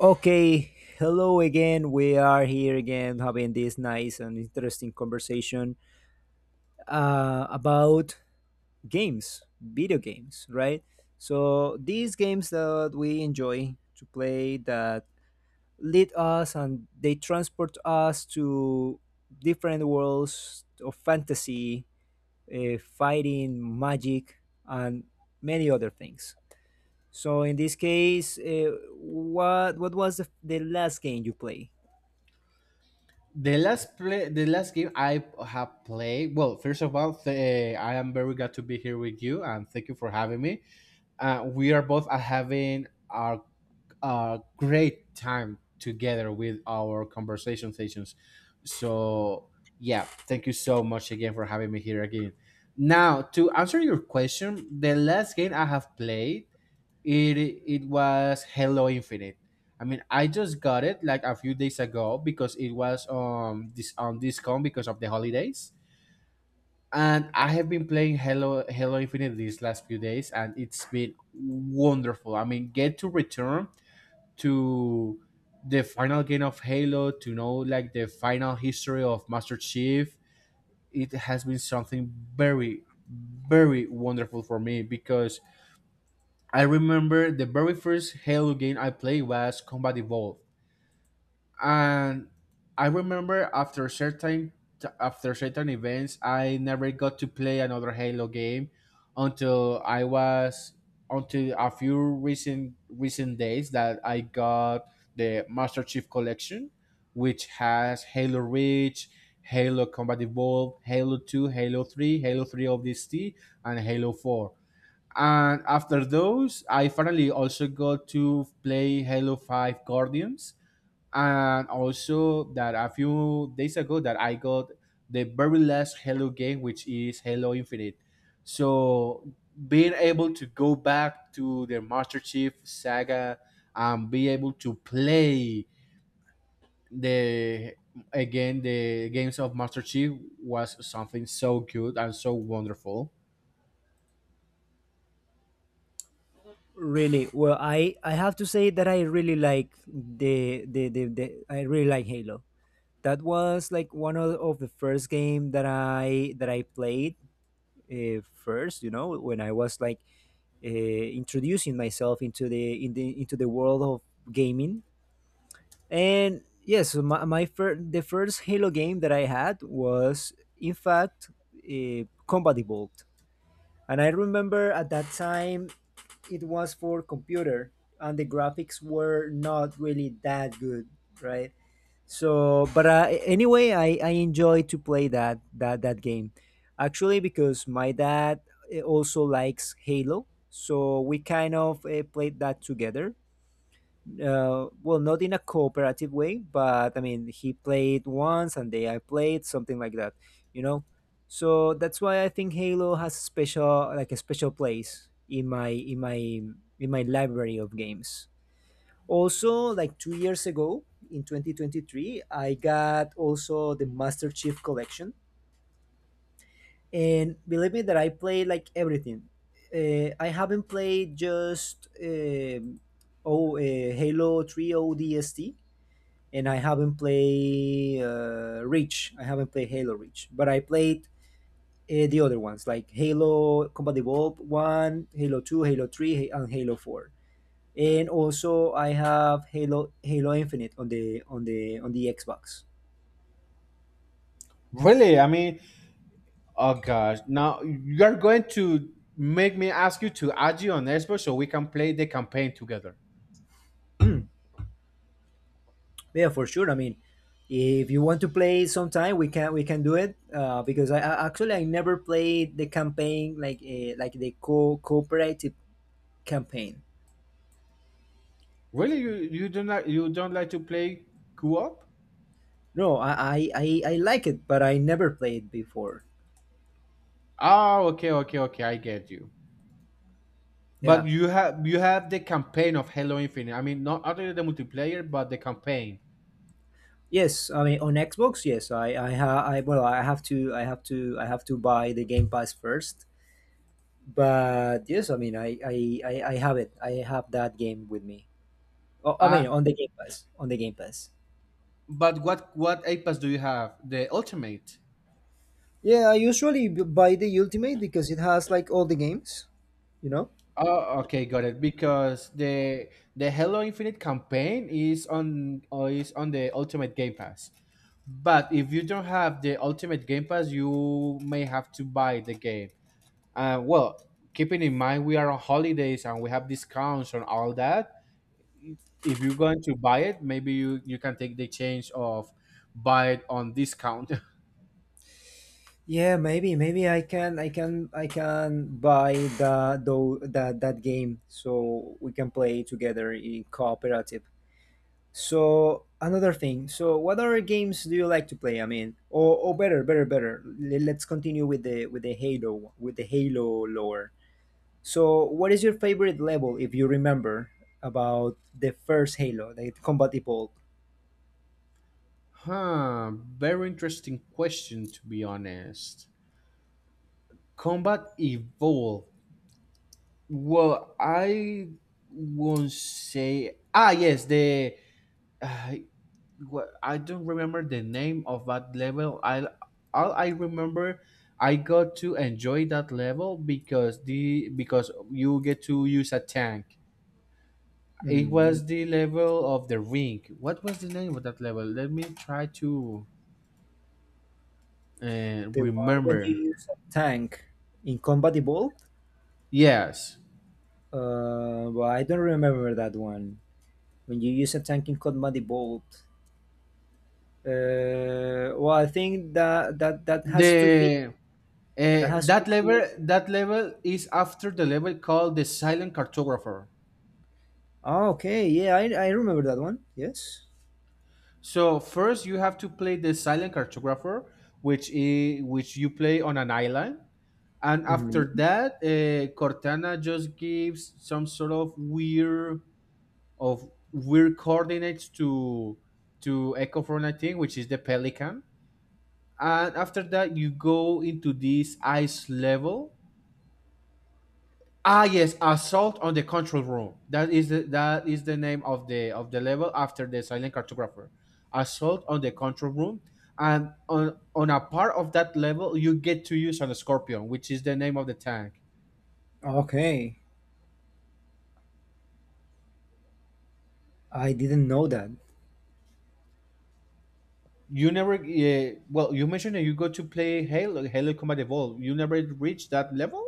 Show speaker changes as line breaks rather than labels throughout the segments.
Okay, hello again. We are here again having this nice and interesting conversation about games, video games, right? So, these games that we enjoy to play that lead us and they transport us to different worlds of fantasy, fighting, magic, and many other things. So, in this case, what was the last game you played?
The last game I have played. Well, first of all, I am very glad to be here with you, and thank you for having me. We are both having a great time together with our conversation sessions. So, yeah, thank you so much again for having me here again. Now, to answer your question, the last game I have played it it was Halo Infinite. I mean, I just got it like a few days ago because it was this on discount because of the holidays. And I have been playing Halo Infinite these last few days, and it's been wonderful. I mean, get to return to the final game of Halo to know like the final history of Master Chief. It has been something very, very wonderful for me because I remember the very first Halo game I played was Combat Evolved, and I remember after certain events, I never got to play another Halo game until I was until a few recent days that I got the Master Chief Collection, which has Halo Reach, Halo Combat Evolved, Halo 2, Halo 3, Halo 3 of this and Halo 4. And after those, I finally also got to play Halo 5 Guardians. And also that a few days ago that I got the very last Halo game, which is Halo Infinite. So being able to go back to the Master Chief saga and be able to play the the games of Master Chief was something so good and so wonderful.
Really? Well, I have to say that I really like the I really like Halo. That was like one of the first game that I played first. You know, when I was like uh, introducing myself into the in the into the world of gaming. And yes, so the first Halo game that I had was in fact Combat Evolved. And I remember at that time it was for computer, and the graphics were not really that good, right? So but anyway, I enjoy to play that game, actually, because my dad, also likes Halo, so we kind of played that together. Well, not in a cooperative way, but I mean, he played once and they I played something like that, you know. So that's why I think Halo has a special, like a special place in my library of games. Also, like 2 years ago, in 2023, I got also the Master Chief Collection, and believe me that I played like everything. I haven't played just oh Halo 3 ODST, and I haven't played Reach. I haven't played Halo Reach, but I played the other ones like Halo Combat Evolved One, Halo Two, Halo Three, and Halo Four. And also I have Halo Infinite on the Xbox.
Really? I mean, oh gosh! Now you're going to make me ask you to add you on Xbox so we can play the campaign together.
Yeah, for sure. I mean, if you want to play sometime, we can do it. Because I actually I never played the campaign like the co cooperative campaign.
Really? You do not you don't like to play co-op?
No, I like it, but I never played before.
Oh, okay, okay, okay. I get you. But
Yeah.
you have the campaign of Halo Infinite. I mean, not only the multiplayer, but the campaign.
Yes, I mean on Xbox, yes, I ha I well I have to I have to I have to buy the Game Pass first. But yes, I mean I have it. I have that game with me. Oh, I
Uh
mean on the Game Pass, on the Game Pass.
but what Apex do you have? The ultimate.
Yeah, I usually buy the Ultimate because it has like all the games, you know?
Oh, okay, got it. Because the Halo Infinite campaign is on the Ultimate Game Pass. But if you don't have the Ultimate Game Pass, you may have to buy the game. Well, keeping in mind we are on holidays and we have discounts on all that. If you're going to buy it, maybe you can take the chance of buy it on discount.
Yeah, maybe I can buy the though that that game so we can play together in cooperative. So another thing. So what other games do you like to play? I mean, or better. Let's continue with the with the Halo lore. So what is your favorite level if you remember about the first Halo, the Combat Evolved?
Very interesting question, to be honest. Combat Evolve. Well, I won't say. Ah, yes, the. Uh, I don't remember the name of that level. I All I remember, I got to enjoy that level because the because you get to use a tank. It
Mm,
was the level of the ring. What was the name of that level? Let me try to
the one when you
remember.
use a tank in Combat Evolved?
Yes,
Well, I don't remember that one. When you use a tank in Combat Evolved. Well, I think that that has to be
the
that has to be
that level is after the level called the silent cartographer.
ah, okay, yeah, I remember that one. Yes.
So first, you have to play the silent cartographer, which you play on an island, and after
Hmm.
that, Cortana just gives some sort of weird coordinates to Echo for I, which is the pelican, and after that, you go into this ice level. Ah, yes, assault on the control room. That is the name of the level after the silent cartographer. Assault on the control room, and on a part of that level, you get to use an scorpion, which is the name of the tank.
Okay, I didn't know that.
You never, well, you mentioned that you go to play Halo Combat Evolved. You never reached that level.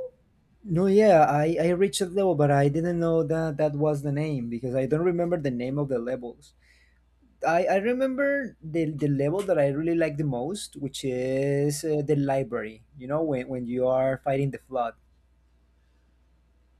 No, yeah, I reached that level, but I didn't know that that was the name because I don't remember the name of the levels. I remember the level that I really like the most, which is the library, you know, when you are fighting the flood.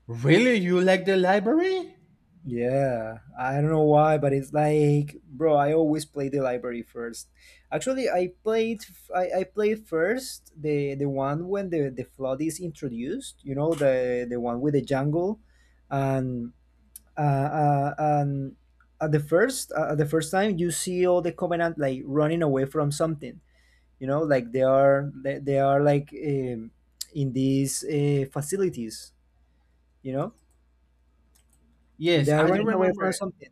Really, you like the library?
Yeah, I don't know why, but it's like, bro, I always play the library first. Actually, I played first the one when the flood is introduced. You know, the one with the jungle, and uh, uh and at the first time you see all the covenant like running away from something. You know, like they are like in these facilities. You know, they
Yes,
are
I do
running away from
remember.
something,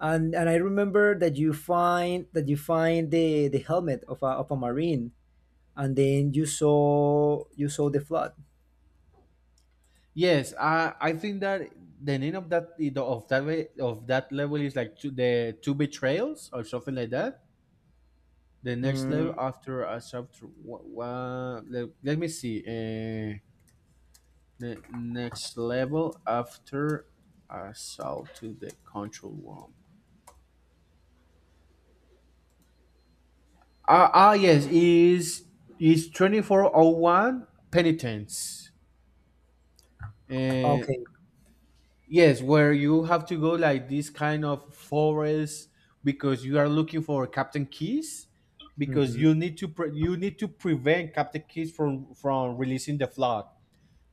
and I remember that you find the helmet of a marine, and then you saw the flood.
Yes, I think that the name of that way of that level is like two, the two betrayals or something like that. The next
Mm,
level after a chapter, what, let me see. The next level after assault to the control room. Ah, yes, is twenty four oh one penitence. Eh,
okay.
Yes, where you have to go like this kind of forest because you are looking for Captain Keys because
Mm-hmm.
you need to you need to prevent Captain Keys from releasing the flood.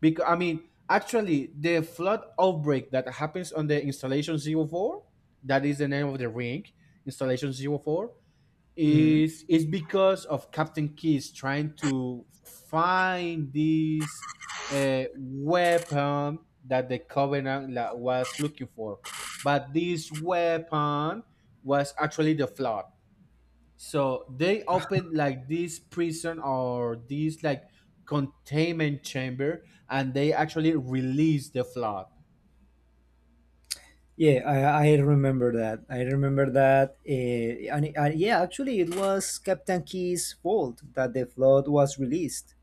Because I mean, actually, the flood outbreak that happens on the installation 04, that is the name of the ring, installation 04
Hmm.
is because of Captain Key's trying to find this weapon that the Covenant was looking for, but this weapon was actually the flood. So they opened like this prison or this like containment chamber, and they actually released the flood.
Yeah, I remember that. I remember that. And yeah, actually, it was Captain Key's fault that the flood was released,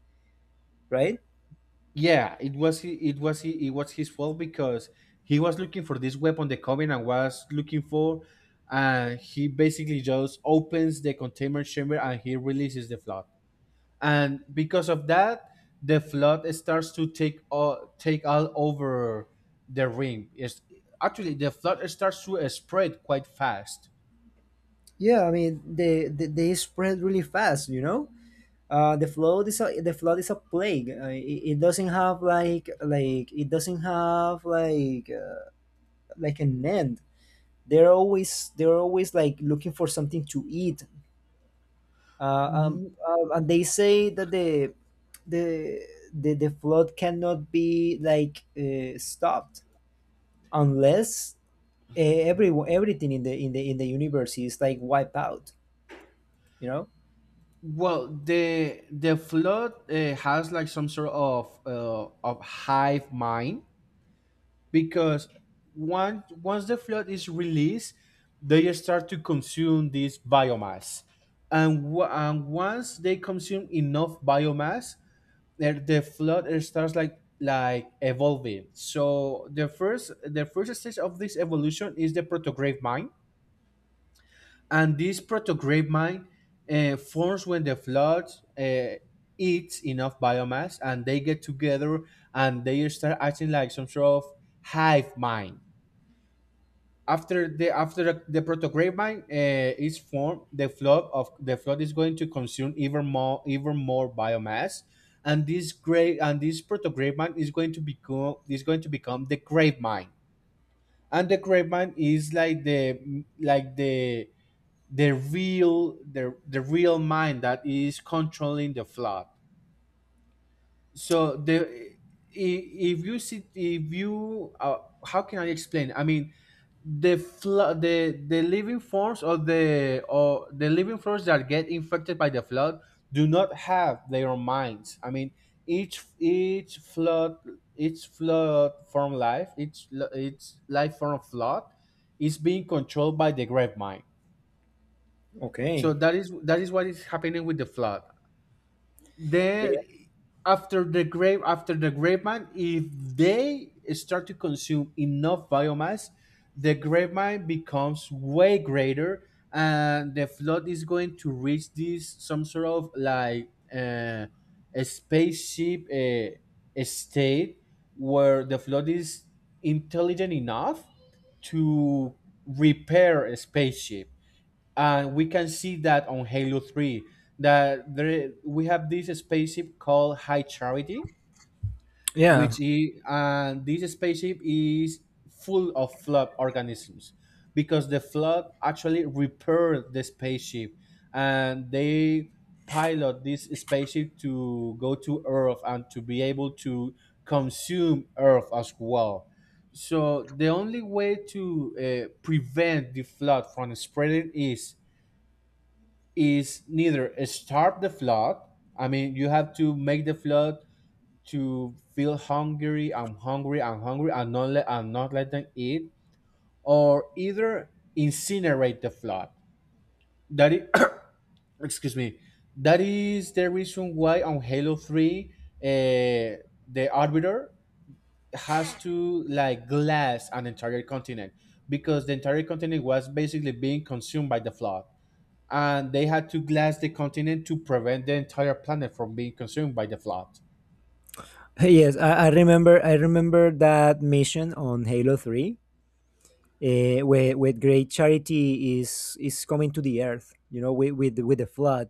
right?
Yeah, it was his fault because he was looking for this weapon the Covenant was looking for, and he basically just opens the containment chamber and he releases the flood. And because of that, the flood starts to take all over the ring. It's, actually the flood starts to spread quite fast.
Yeah, I mean, they spread really fast, you know. The flood is a plague. It doesn't have like like an end. They're always like looking for something to eat. And they say that the the flood cannot be like stopped unless everything in the universe is like wiped out. You know?
Well, the flood has like some sort of hive mind because once the flood is released, they start to consume this biomass, and once they consume enough biomass, the flood it starts like evolving. So the first stage of this evolution is the protograde mine, and this protograde mine forms when the flood uh, eats enough biomass, and they get together and they start acting like some sort of hive mind. After the protogravine is formed, the flood is going to consume even more biomass, and this grave and this protogravine is going to become the grave mine, and the grave mine is the real mine that is controlling the flood. So the I- if you see if you how can I explain? I mean, the living forms of the living forms that get infected by the flood do not have their minds. I mean, each each flood each life form of flood is being controlled by the great mind. So
Okay.
that is what is happening with the flood.
Yeah.
Then after the grape mine, if they start to consume enough biomass, the grape mine becomes way greater, and the flood is going to reach this some sort of like uh, a spaceship, a state where the flood is intelligent enough to repair a spaceship. And we can see that on Halo 3 that there, we have this spaceship called High Charity,
Yeah.
which is and this spaceship is full of flood organisms because the flood actually repaired the spaceship, and they pilot this spaceship to go to earth and to be able to consume earth as well. So the only way to prevent the flood from spreading is neither starve the flood. I mean, you have to make the flood to feel hungry. I'm hungry. I'm hungry. And not let them eat, or either incinerate the flood. That is, excuse me. That is the reason why on Halo 3, uh, the Arbiter has to like glass an entire continent because the entire continent was basically being consumed by the flood. And they had to glass the continent to prevent the entire planet from being consumed by the flood.
Yes, I remember. I remember that mission on Halo Three, where Great Charity is coming to the Earth. You know, with, with the flood,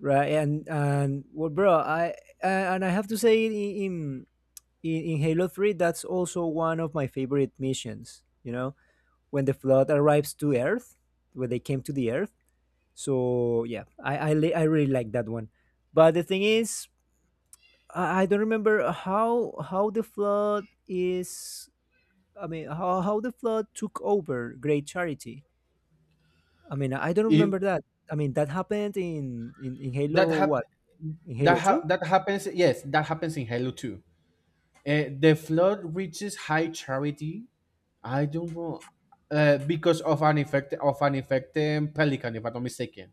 right? And well, bro, I and I have to say in Halo Three, that's also one of my favorite missions. You know, when the flood arrives to Earth, when they came to the Earth. So yeah, I really like that one. But the thing is, I don't remember how the flood is, I mean, how the flood took over Great Charity. I mean, I don't
If
remember that. I mean, that happened in
that
Halo
hap-
what? In
that
Halo
ha-
2.
that happens, yes, that happens in Halo too. The flood reaches high charity. I don't know, because of an infected pelican, if I'm not mistaken.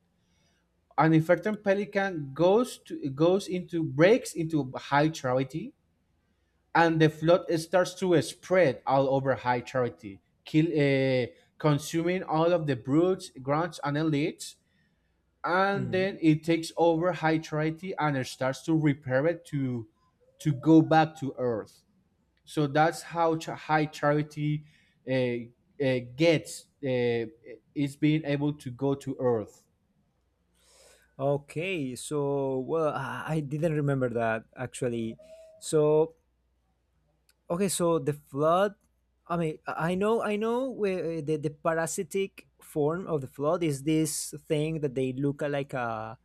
An infected pelican goes to goes into breaks into high charity, and the flood starts to spread all over High Charity, consuming all of the brutes, grunts, and elites. And then
Hmm.
it takes over High Charity, and it starts to repair it to go back to Earth. So that's how High Charity gets is being able to go to Earth.
Okay, so well, I didn't remember that actually. So okay, so the flood. I mean, I know where the parasitic form of the flood is this thing that they look like a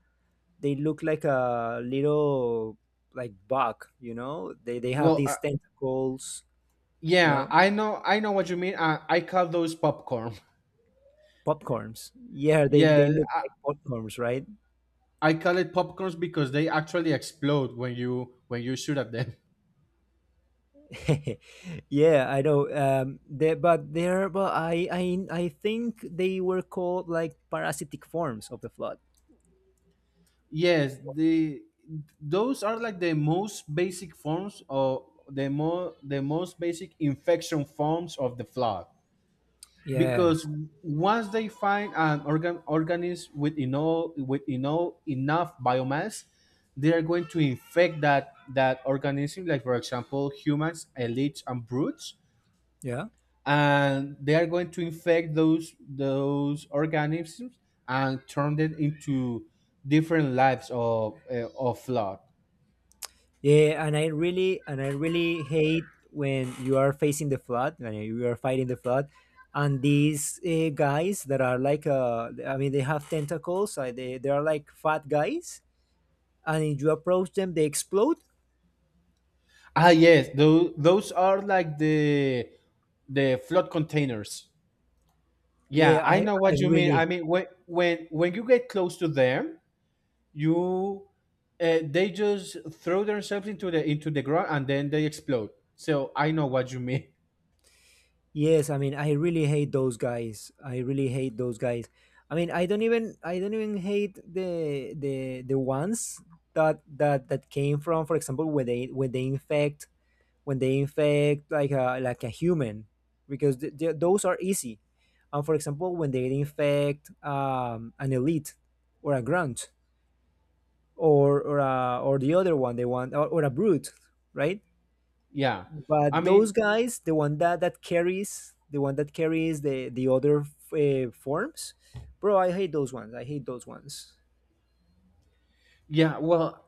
little like bug. You know, they have
Well,
these tentacles. You know,
yeah, I know, what you mean. I call those popcorn.
popcorns. Yeah, they
Yeah,
look like popcorns, right?
I call it popcorns because they actually explode when you shoot at them.
Yeah, I know. They, but they're but I think they were called like parasitic forms of the flood.
Yes, the those are like the most basic forms of the more the most basic infection forms of the flood. Because
Yes.
once they find an organism with enough biomass, they are going to infect that organism. Like for example, humans, elites, and brutes,
Yeah.
and they are going to infect those organisms and turn them into different lives of flood.
Yeah, and I really hate when you are facing the flood, when you are fighting the flood, and these guys that are like I mean, they have tentacles. They are like fat guys, and if you approach them, they explode.
Ah, yes, those are like the flood containers. Yeah,
Yeah,
I
I
know
I
what you mean. I
really
mean, when you get close to them, you they just throw themselves into the ground, and then they explode. So I know what you mean.
Yes, I mean, I really hate those guys. I really hate those guys. I mean, I don't even hate the ones that that came from, for example, when they infect when they infect like a human, because th th those are easy. And for example, when they infect an elite or a grunt or a, or the other one they want or a brute, right?
Yeah, I
But
mean
those guys, the one that that carries, the one that carries the other forms, bro, I hate those ones. I hate those ones.
Yeah, well,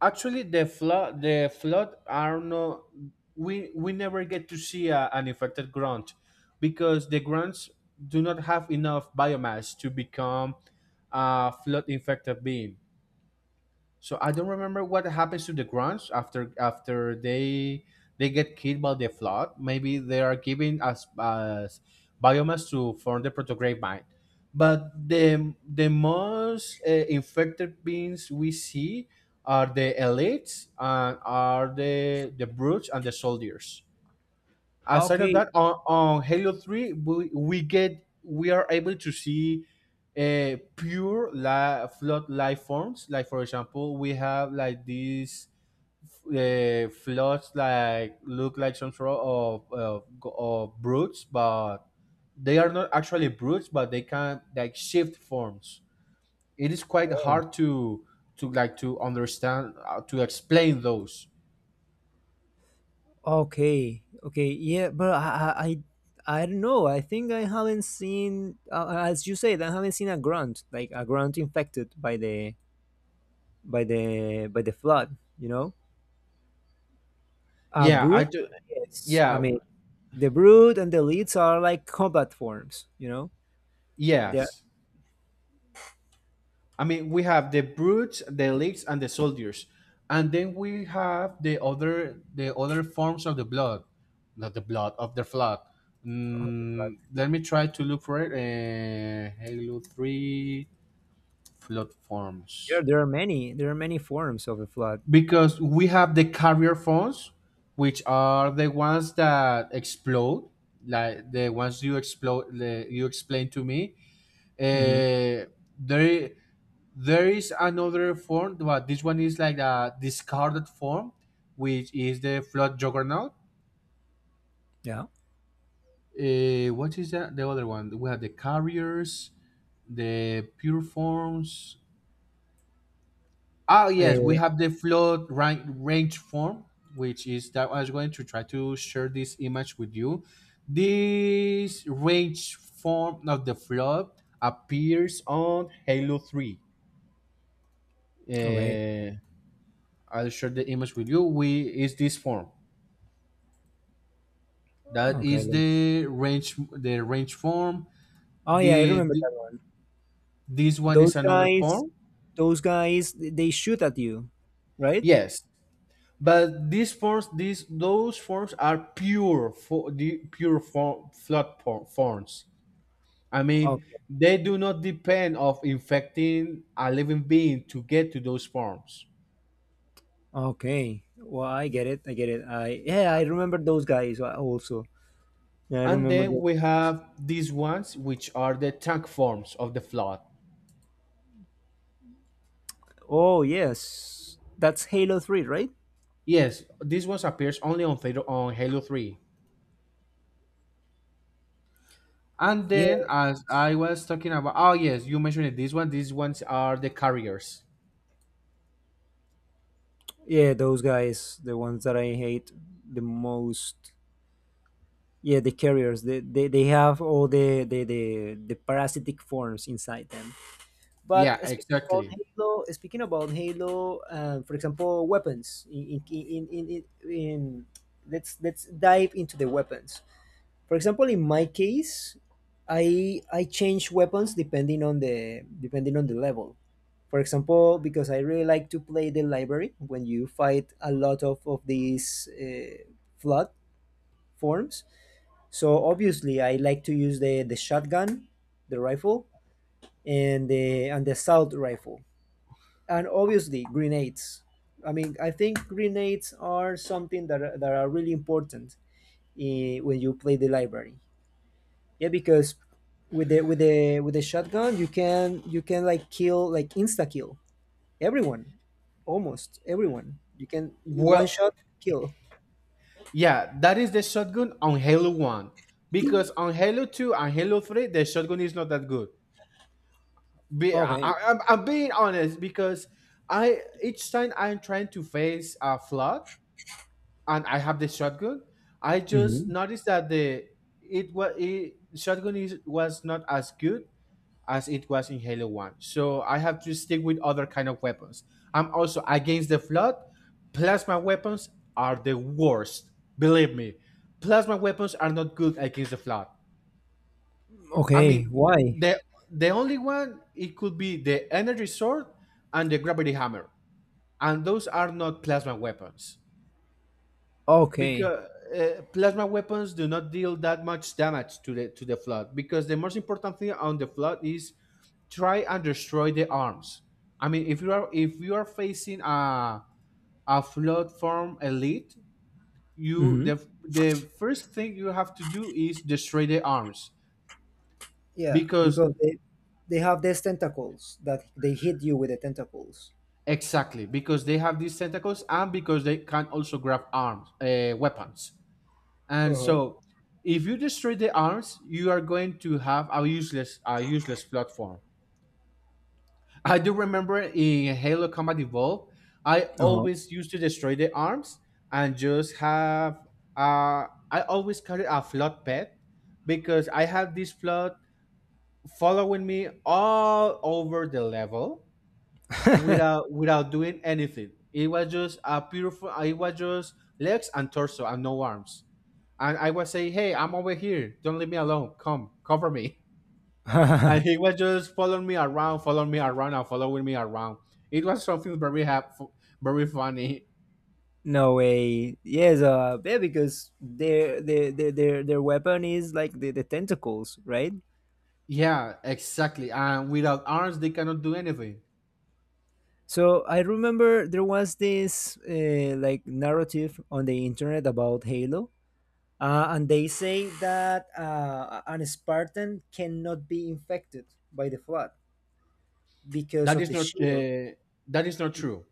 actually, the flood are no, we never get to see a, an infected ground because the grounds do not have enough biomass to become a flood infected being. So I don't remember what happens to the grunts after they get killed by the flood. Maybe they are given as biomass to form the protograde mine. But the most infected beings we see are the elites and are the brutes and the soldiers
Ah,
aside of
okay.
that on halo 3 we are able to see flood life forms. Like for example, we have like these floods like look like some sort of brutes, but they are not actually brutes, but they can like shift forms. It is quite
Oh.
hard to to understand, to explain those.
Okay, okay, yeah, but I I don't know. I think I haven't seen, as you said, I haven't seen a grunt, like a grunt infected by the by the flood, you know? A
Yeah, I
brood.
do.
Yes, I
Yeah.
mean, the brood and the leads are like combat forms, you know, they're.
Yes, I mean, we have the brutes, the elites, and the soldiers, and then we have the other forms of the blood, not the blood of the flood. Mm, let me try to look for it. Halo Three flood
Yeah,
forms,
there are many, there are many forms of the flood.
because we have the carrier forms, which are the ones that explode, like the ones you explode, the, you explained to me.
Hmm.
Uh, there, There is another form, but this one is like a discarded form, which is the flood juggernaut.
Yeah.
What is that? The other one? We have the carriers, the pure forms. Ah, yes, we
Eh,
have the flood rank, range form, which is that I was going to try to share this image with you. This range form of the flood appears on Halo 3.
okay,
Uh, I'll share the image with you. We is this form. That
okay,
is
let's,
the range form.
oh yeah, I
The,
remember
the
that one.
this one is
Those
another
guys,
form.
those guys they shoot at you, right?
Yes, but these forms these those forms are pure for the pure form flood forms. I mean,
Okay,
they do not depend of infecting a living being to get to those forms.
okay, well, I get it, I get it, I, yeah, I remember those guys also. Yeah, I
And
remember
then
those.
we have these ones, which are the tank forms of the flood.
Oh yes, that's Halo 3, right?
Yes, these ones appears only on Theta, on Halo Three. And then, as I was talking about, oh yes, you mentioned it. This one, these ones are the carriers.
Yeah, those guys, the ones that I hate the most. Yeah, the carriers. They have all the parasitic forms inside them. But
Yeah, exactly.
Speaking about Halo, for example, weapons. In let's dive into the weapons. For example, in my case, I change weapons depending on the level. For example, because I really like to play the library when you fight a lot of these flood forms. So obviously, I like to use the shotgun, the rifle, and the assault rifle, and obviously grenades. I mean, I think grenades are something that are really important when you play the library. Yeah, because with the with the shotgun, you can like kill, like insta kill everyone, almost everyone. You can one
Well,
shot kill.
yeah, that is the shotgun on Halo One, because on Halo Two and Halo Three, the shotgun is not that good. Be,
Okay.
I- I'm being honest because I each time I'm trying to face a flood and I have the shotgun, I just
Hmm.
noticed that the shotgun is was not as good as it was in Halo 1. So I have to stick with other kind of weapons. I'm also against the flood. Plasma weapons are the worst. Believe me. Plasma weapons are not good against the flood. I
Okay.
mean,
Why?
the the only one it could be the energy sword and the gravity hammer. And those are not plasma weapons.
Okay.
Because plasma weapons do not deal that much damage to the flood, because the most important thing on the flood is try and destroy the arms. I mean, if you are facing a flood form elite, you
Hmm.
the first thing you have to do is destroy the arms.
Yeah,
Because
because they have these tentacles that they hit you with the tentacles.
exactly, because they have these tentacles, and because they can also grab arms, weapons. And
Uh-huh.
so, if you destroy the arms, you are going to have a useless platform. I do remember in Halo Combat Evolved, I
Uh-huh.
always used to destroy the arms and just have. I always carry a flood pet because I had this flood following me all over the level without doing anything. It was just a beautiful. It was just legs and torso and no arms, and I was saying, "Hey, I'm over here. Don't leave me alone. Come, cover me." And he was just following me around, and following me around. It was something very very funny.
No way. Yes. Yeah. Because their weapon is like the tentacles, right?
Yeah, exactly. And without arms, they cannot do anything.
So I remember there was this like narrative on the internet about Halo, and they say that an Spartan cannot be infected by the flood because
That
of
is
the
not
shield.
uh, that is not true.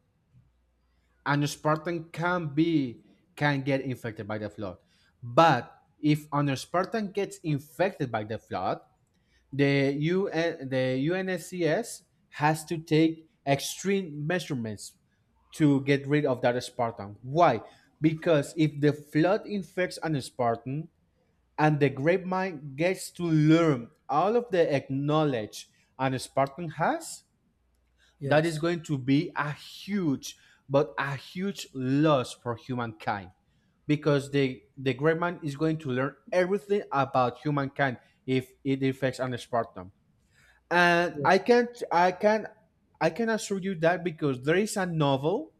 An Spartan can be can get infected by the flood, but if an Spartan gets infected by the flood, the UNSCS has to take extreme measurements to get rid of that Spartan. Why? Because if the flood infects an Spartan and the grapevine gets to learn all of the knowledge an Spartan has, that is
Yes.
going to be a huge, but a huge loss for humankind. Because the grapevine is going to learn everything about humankind if it infects an Spartan. And
Yeah.
I can assure you that, because there is a novel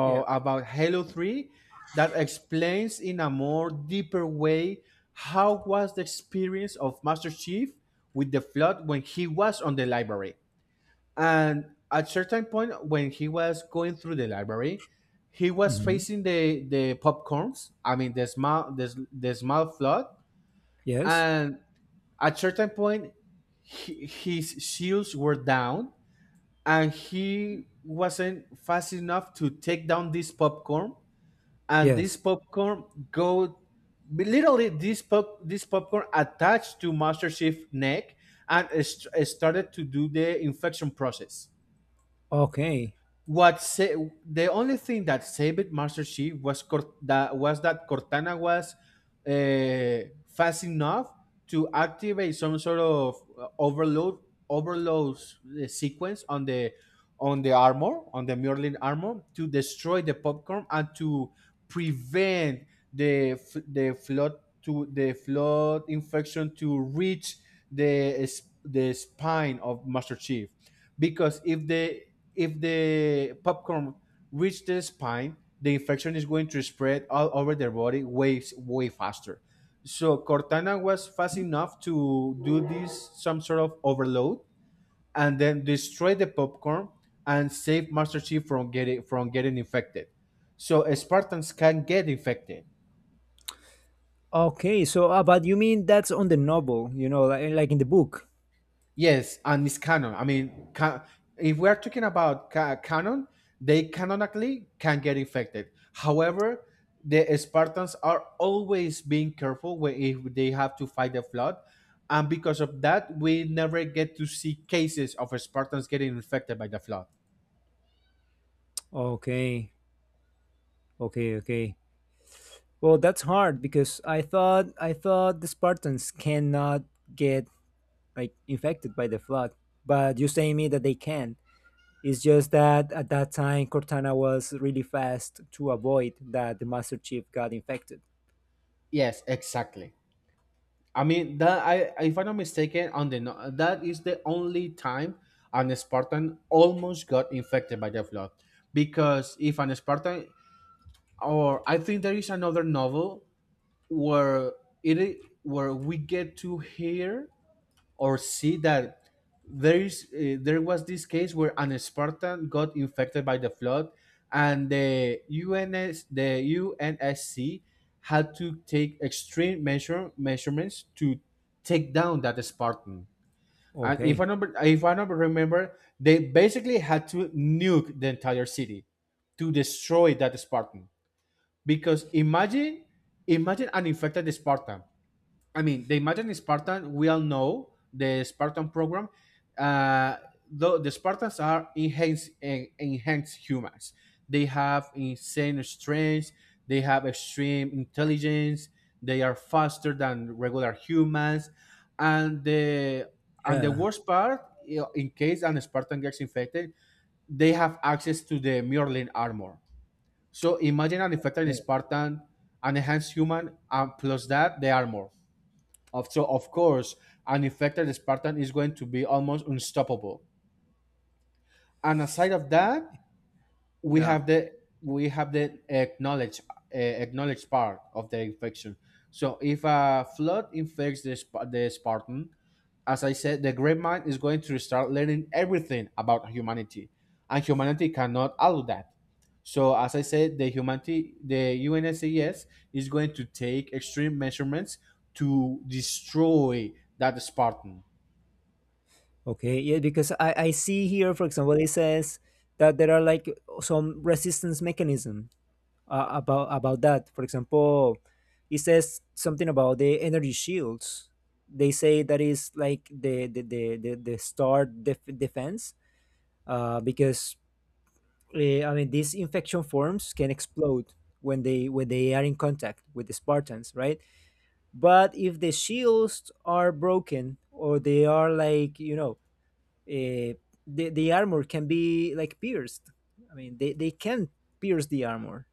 Yeah.
about Halo Three that explains in a more deeper way how was the experience of Master Chief with the Flood when he was on the library. And at certain point, when he was going through the library, he was
Mhm.
facing the popcorns. I mean the small Flood,
Yes.
and at certain point, he, his shields were down, and he wasn't fast enough to take down this popcorn. And this
Yes.
popcorn go literally this popcorn attached to Master Chief neck, and it started to do the infection process.
Okay.
What Sa- the only thing that saved Master Chief was Cort- that was that Cortana was fast enough to activate some sort of uh, overload overload sequence on the armor on the Merlin armor to destroy the popcorn, and to prevent the flood to the flood infection to reach the spine of Master Chief, because if the popcorn reach the spine, the infection is going to spread all over their body way way faster. So Cortana was fast enough to do this some sort of overload, and then destroy the popcorn and save Master Chief from getting infected. So Spartans can get infected.
Okay. So, but you mean that's on the novel, like in the book?
Yes, and it's canon. I mean, if we're talking about canon, they canonically can get infected. However, the Spartans are always being careful when if they have to fight the flood, and because of that, we never get to see cases of Spartans getting infected by the flood.
Okay. Okay. Okay. Well, that's hard because I thought the Spartans cannot get like infected by the flood. But you say me that they can. It's just that at that time Cortana was really fast to avoid that the Master Chief got infected.
Yes, exactly. I mean that I, if I'm not mistaken, on the that is the only time an Spartan almost got infected by the flood. Because if an Spartan, or I think there is another novel where where we get to hear or see that there is there was this case where an Spartan got infected by the flood, and the UNSC had to take extreme measurements to take down that Spartan. And
Okay.
if I number remember, they basically had to nuke the entire city to destroy that Spartan. Because imagine an infected Spartan. I mean, the imagine Spartan. We all know the Spartan program. Uh, though the Spartans are enhanced humans. They have insane strength. They have extreme intelligence. They are faster than regular humans, and the
Yeah.
worst part, you know, in case an Spartan gets infected, they have access to the Mjolnir armor. So imagine an infected
Yeah.
Spartan, an enhanced human, and plus that the armor. So of course, an infected Spartan is going to be almost unstoppable. And aside of that, we
Yeah.
have the we have the acknowledge acknowledged part of the infection. So if a flood infects the Spartan, as I said, the great mind is going to start learning everything about humanity, and humanity cannot allow that. So as I said, the humanity, the UNSCES is going to take extreme measurements to destroy that Spartan.
Okay. Yeah, because I see here, for example, it says that there are like some resistance mechanism about that. For example, it says something about the energy shields. They say that is like the defense because I mean, these infection forms can explode when they are in contact with the Spartans, right? But if the shields are broken or they are like eh, the armor can be like pierced. I mean, they can pierce the armor.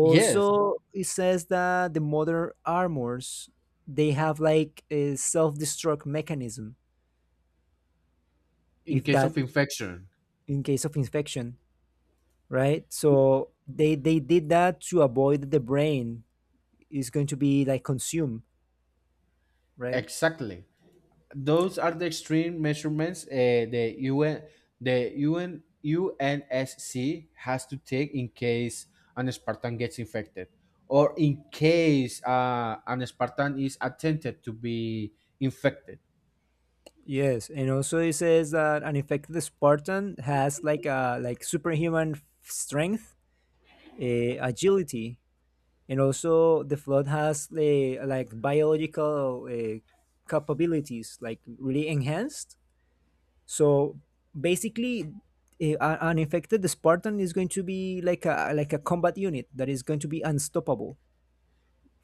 Yes,
it says that the modern armors they have like a self-destruct mechanism
in
if
case of
that
infection,
in case of infection, right? So they did that to avoid the brain is going to be like consumed, right?
exactly. Those are the extreme measurements, the UN UNSC has to take in case an Spartan gets infected, or in case an Spartan is attempted to be infected.
Yes, and also it says that an infected Spartan has like a like strength, uh, agility, and also the flood has the like biological capabilities like really enhanced. So basically, an infected Spartan is going to be like a combat unit that is going to be unstoppable.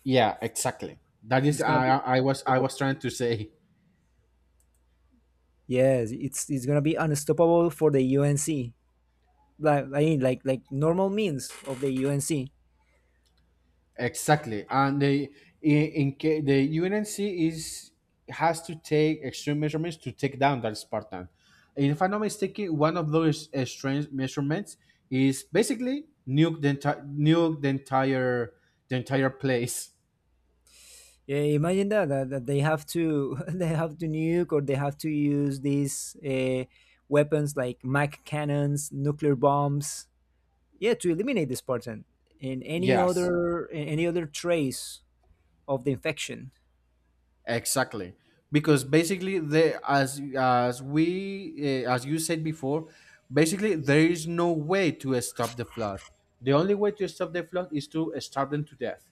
Yeah, exactly. That is
It's gonna be
I was
unstoppable.
trying to say.
Yes, it's gonna be unstoppable for the UNC. Like I mean, like normal means of the UNC.
Exactly, and the the UNC is has to take extreme measurements to take down that Spartan. And if I'm not mistaken, one of those extreme measurements is basically nuke the entire place.
Yeah, imagine that they have to they have to nuke or they have to use these weapons like mac cannons, nuclear bombs, yeah, to eliminate this person and
Yes,
any other trace of the infection
exactly, because basically they as you said before, basically there is no way to stop the flood. The only way to stop the flood is to starve them to death.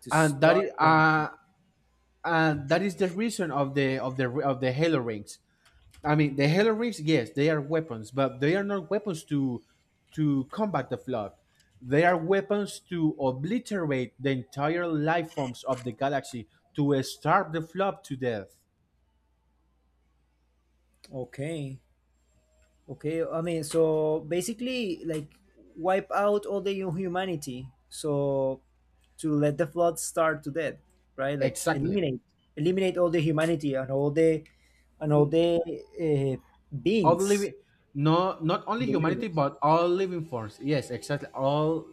to
and that is
start them.
uh, and that is the reason of the of the of the halo rings. I mean, the halo rings, yes, they are weapons, but they are not weapons to combat the flood. They are weapons to obliterate the entire life forms of the galaxy to starve the flood to death.
Okay. Okay, I mean, so basically, like, wipe out all the humanity, so to let the flood start to death, right? Like,
Exactly.
eliminate, eliminate all the humanity and all the and all the uh,
All
beings
living, no, not only
in the
humanity,
universe.
but all living forms, yes, exactly, all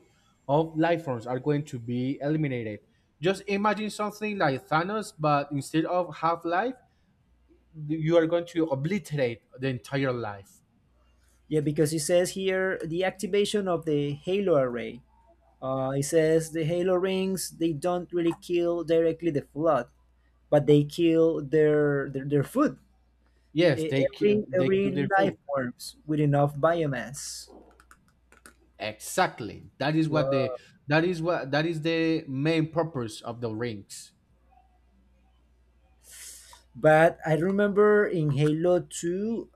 of life forms are going to be eliminated. Just imagine something like Thanos, but instead of half life, you are going to obliterate the entire life.
Yeah, because it says here the activation of the halo array. It says the halo rings they don't really kill directly the flood, but they kill their food.
yes they kill
Every
they kill
every
their
life
food,
forms with enough biomass.
exactly. That is what the
Wow.
that is the main purpose of the rings.
But I remember in Halo 2,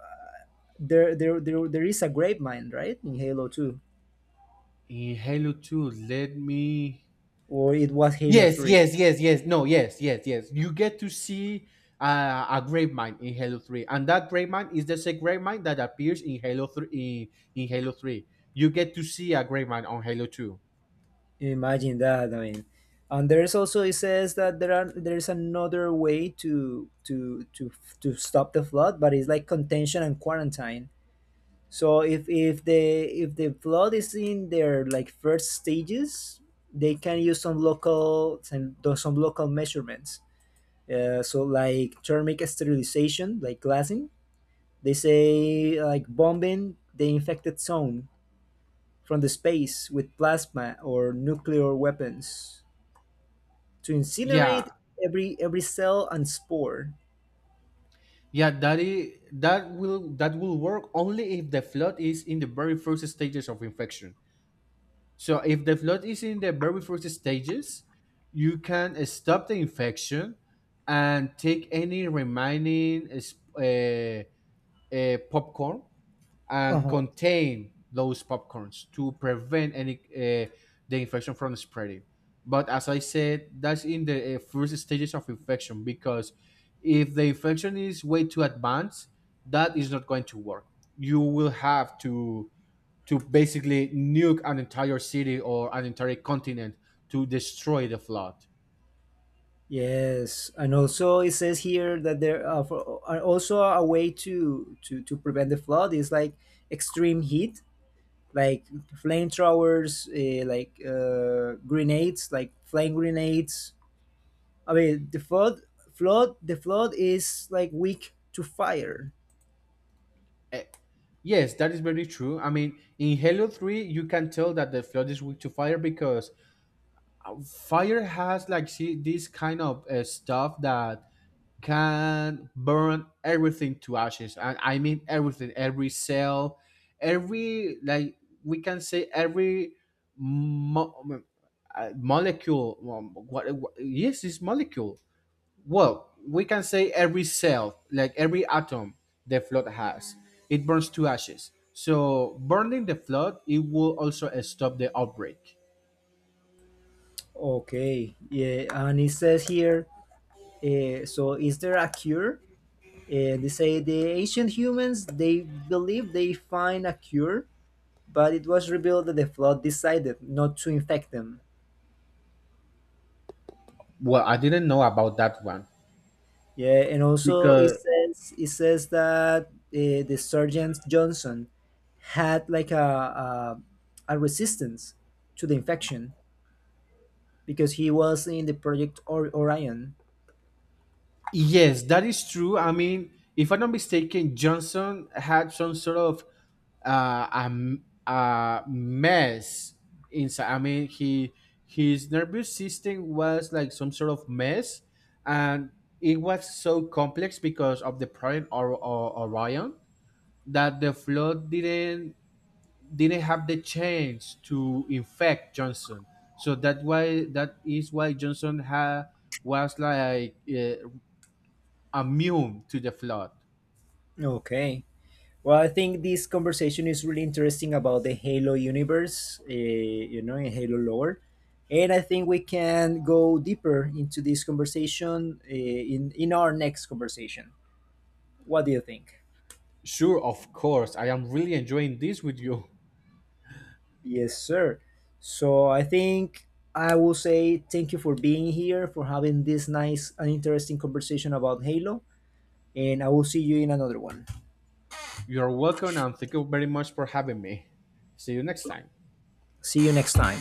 there is a grape mine, right? In Halo 2,
In halo 2, let me.
or it was Halo
Yes,
3.
No, You get to see a great mind in Halo 3. And that great mind is the same great mind that appears in Halo 3 in Halo 3. You get to see a great mind on Halo 2.
Imagine that. I mean, and there's also it says that there's another way to to stop the flood, but it's like contention and quarantine. So if the flood is in their like first stages, they can use some local some, do some local measurements. So like thermic sterilization, like glassing. They say like bombing the infected zone from the space with plasma or nuclear weapons to
Yeah.
incinerate every cell and spore.
Yeah, that is, that will work only if the flood is in the very first stages of infection. So if the flood is in the very first stages, you can stop the infection and take any remaining uh, popcorn,
Uh
and
huh.
contain those popcorns to prevent any the infection from spreading. But as I said, that's in the first stages of infection, because if the infection is way too advanced, that is not going to work. You will have to basically nuke an entire city or an entire continent to destroy the flood.
Yes, and also it says here that there are, for, are also a way to, prevent the flood is like extreme heat, like flamethrowers, like grenades, like flame grenades. I mean, the flood is like weak to fire.
Eh, Yes, that is very true. I mean, in Halo 3, you can tell that the flood is weak to fire, because fire has like see this kind of stuff that can burn everything to ashes. And I mean everything, every cell, every, like we can say every mo- molecule, what yes, this molecule, well we can say every cell, like every atom the flood has, it burns to ashes. So burning the flood, it will also stop the outbreak.
Okay, yeah, and it says here. So, is there a cure? They say the ancient humans they believe they find a cure but it was revealed that the flood decided not to infect them.
Well, I didn't know about that one.
Yeah, and also it
Because
says it says that the Sergeant Johnson had like a, a resistance to the infection because he was in the Orion.
yes, that is true. I mean, if I'm not mistaken, Johnson had some sort of a mess inside. I mean, he, his nervous system was like some sort of mess, and it was so complex because of the Project Orion, that the flood didn't have the chance to infect Johnson. So that is why Johnson had was like immune to the flood.
Okay. Well, I think this conversation is really interesting about the Halo universe, in Halo lore. And I think we can go deeper into this conversation in our next conversation. What do you think?
Sure, of course. I am really enjoying this with you.
Yes, sir. So I think I will say thank you for being here, for having this nice and interesting conversation about Halo, and I will see you in another one.
You're welcome, and thank you very much for having me. See you next time.
See you next time.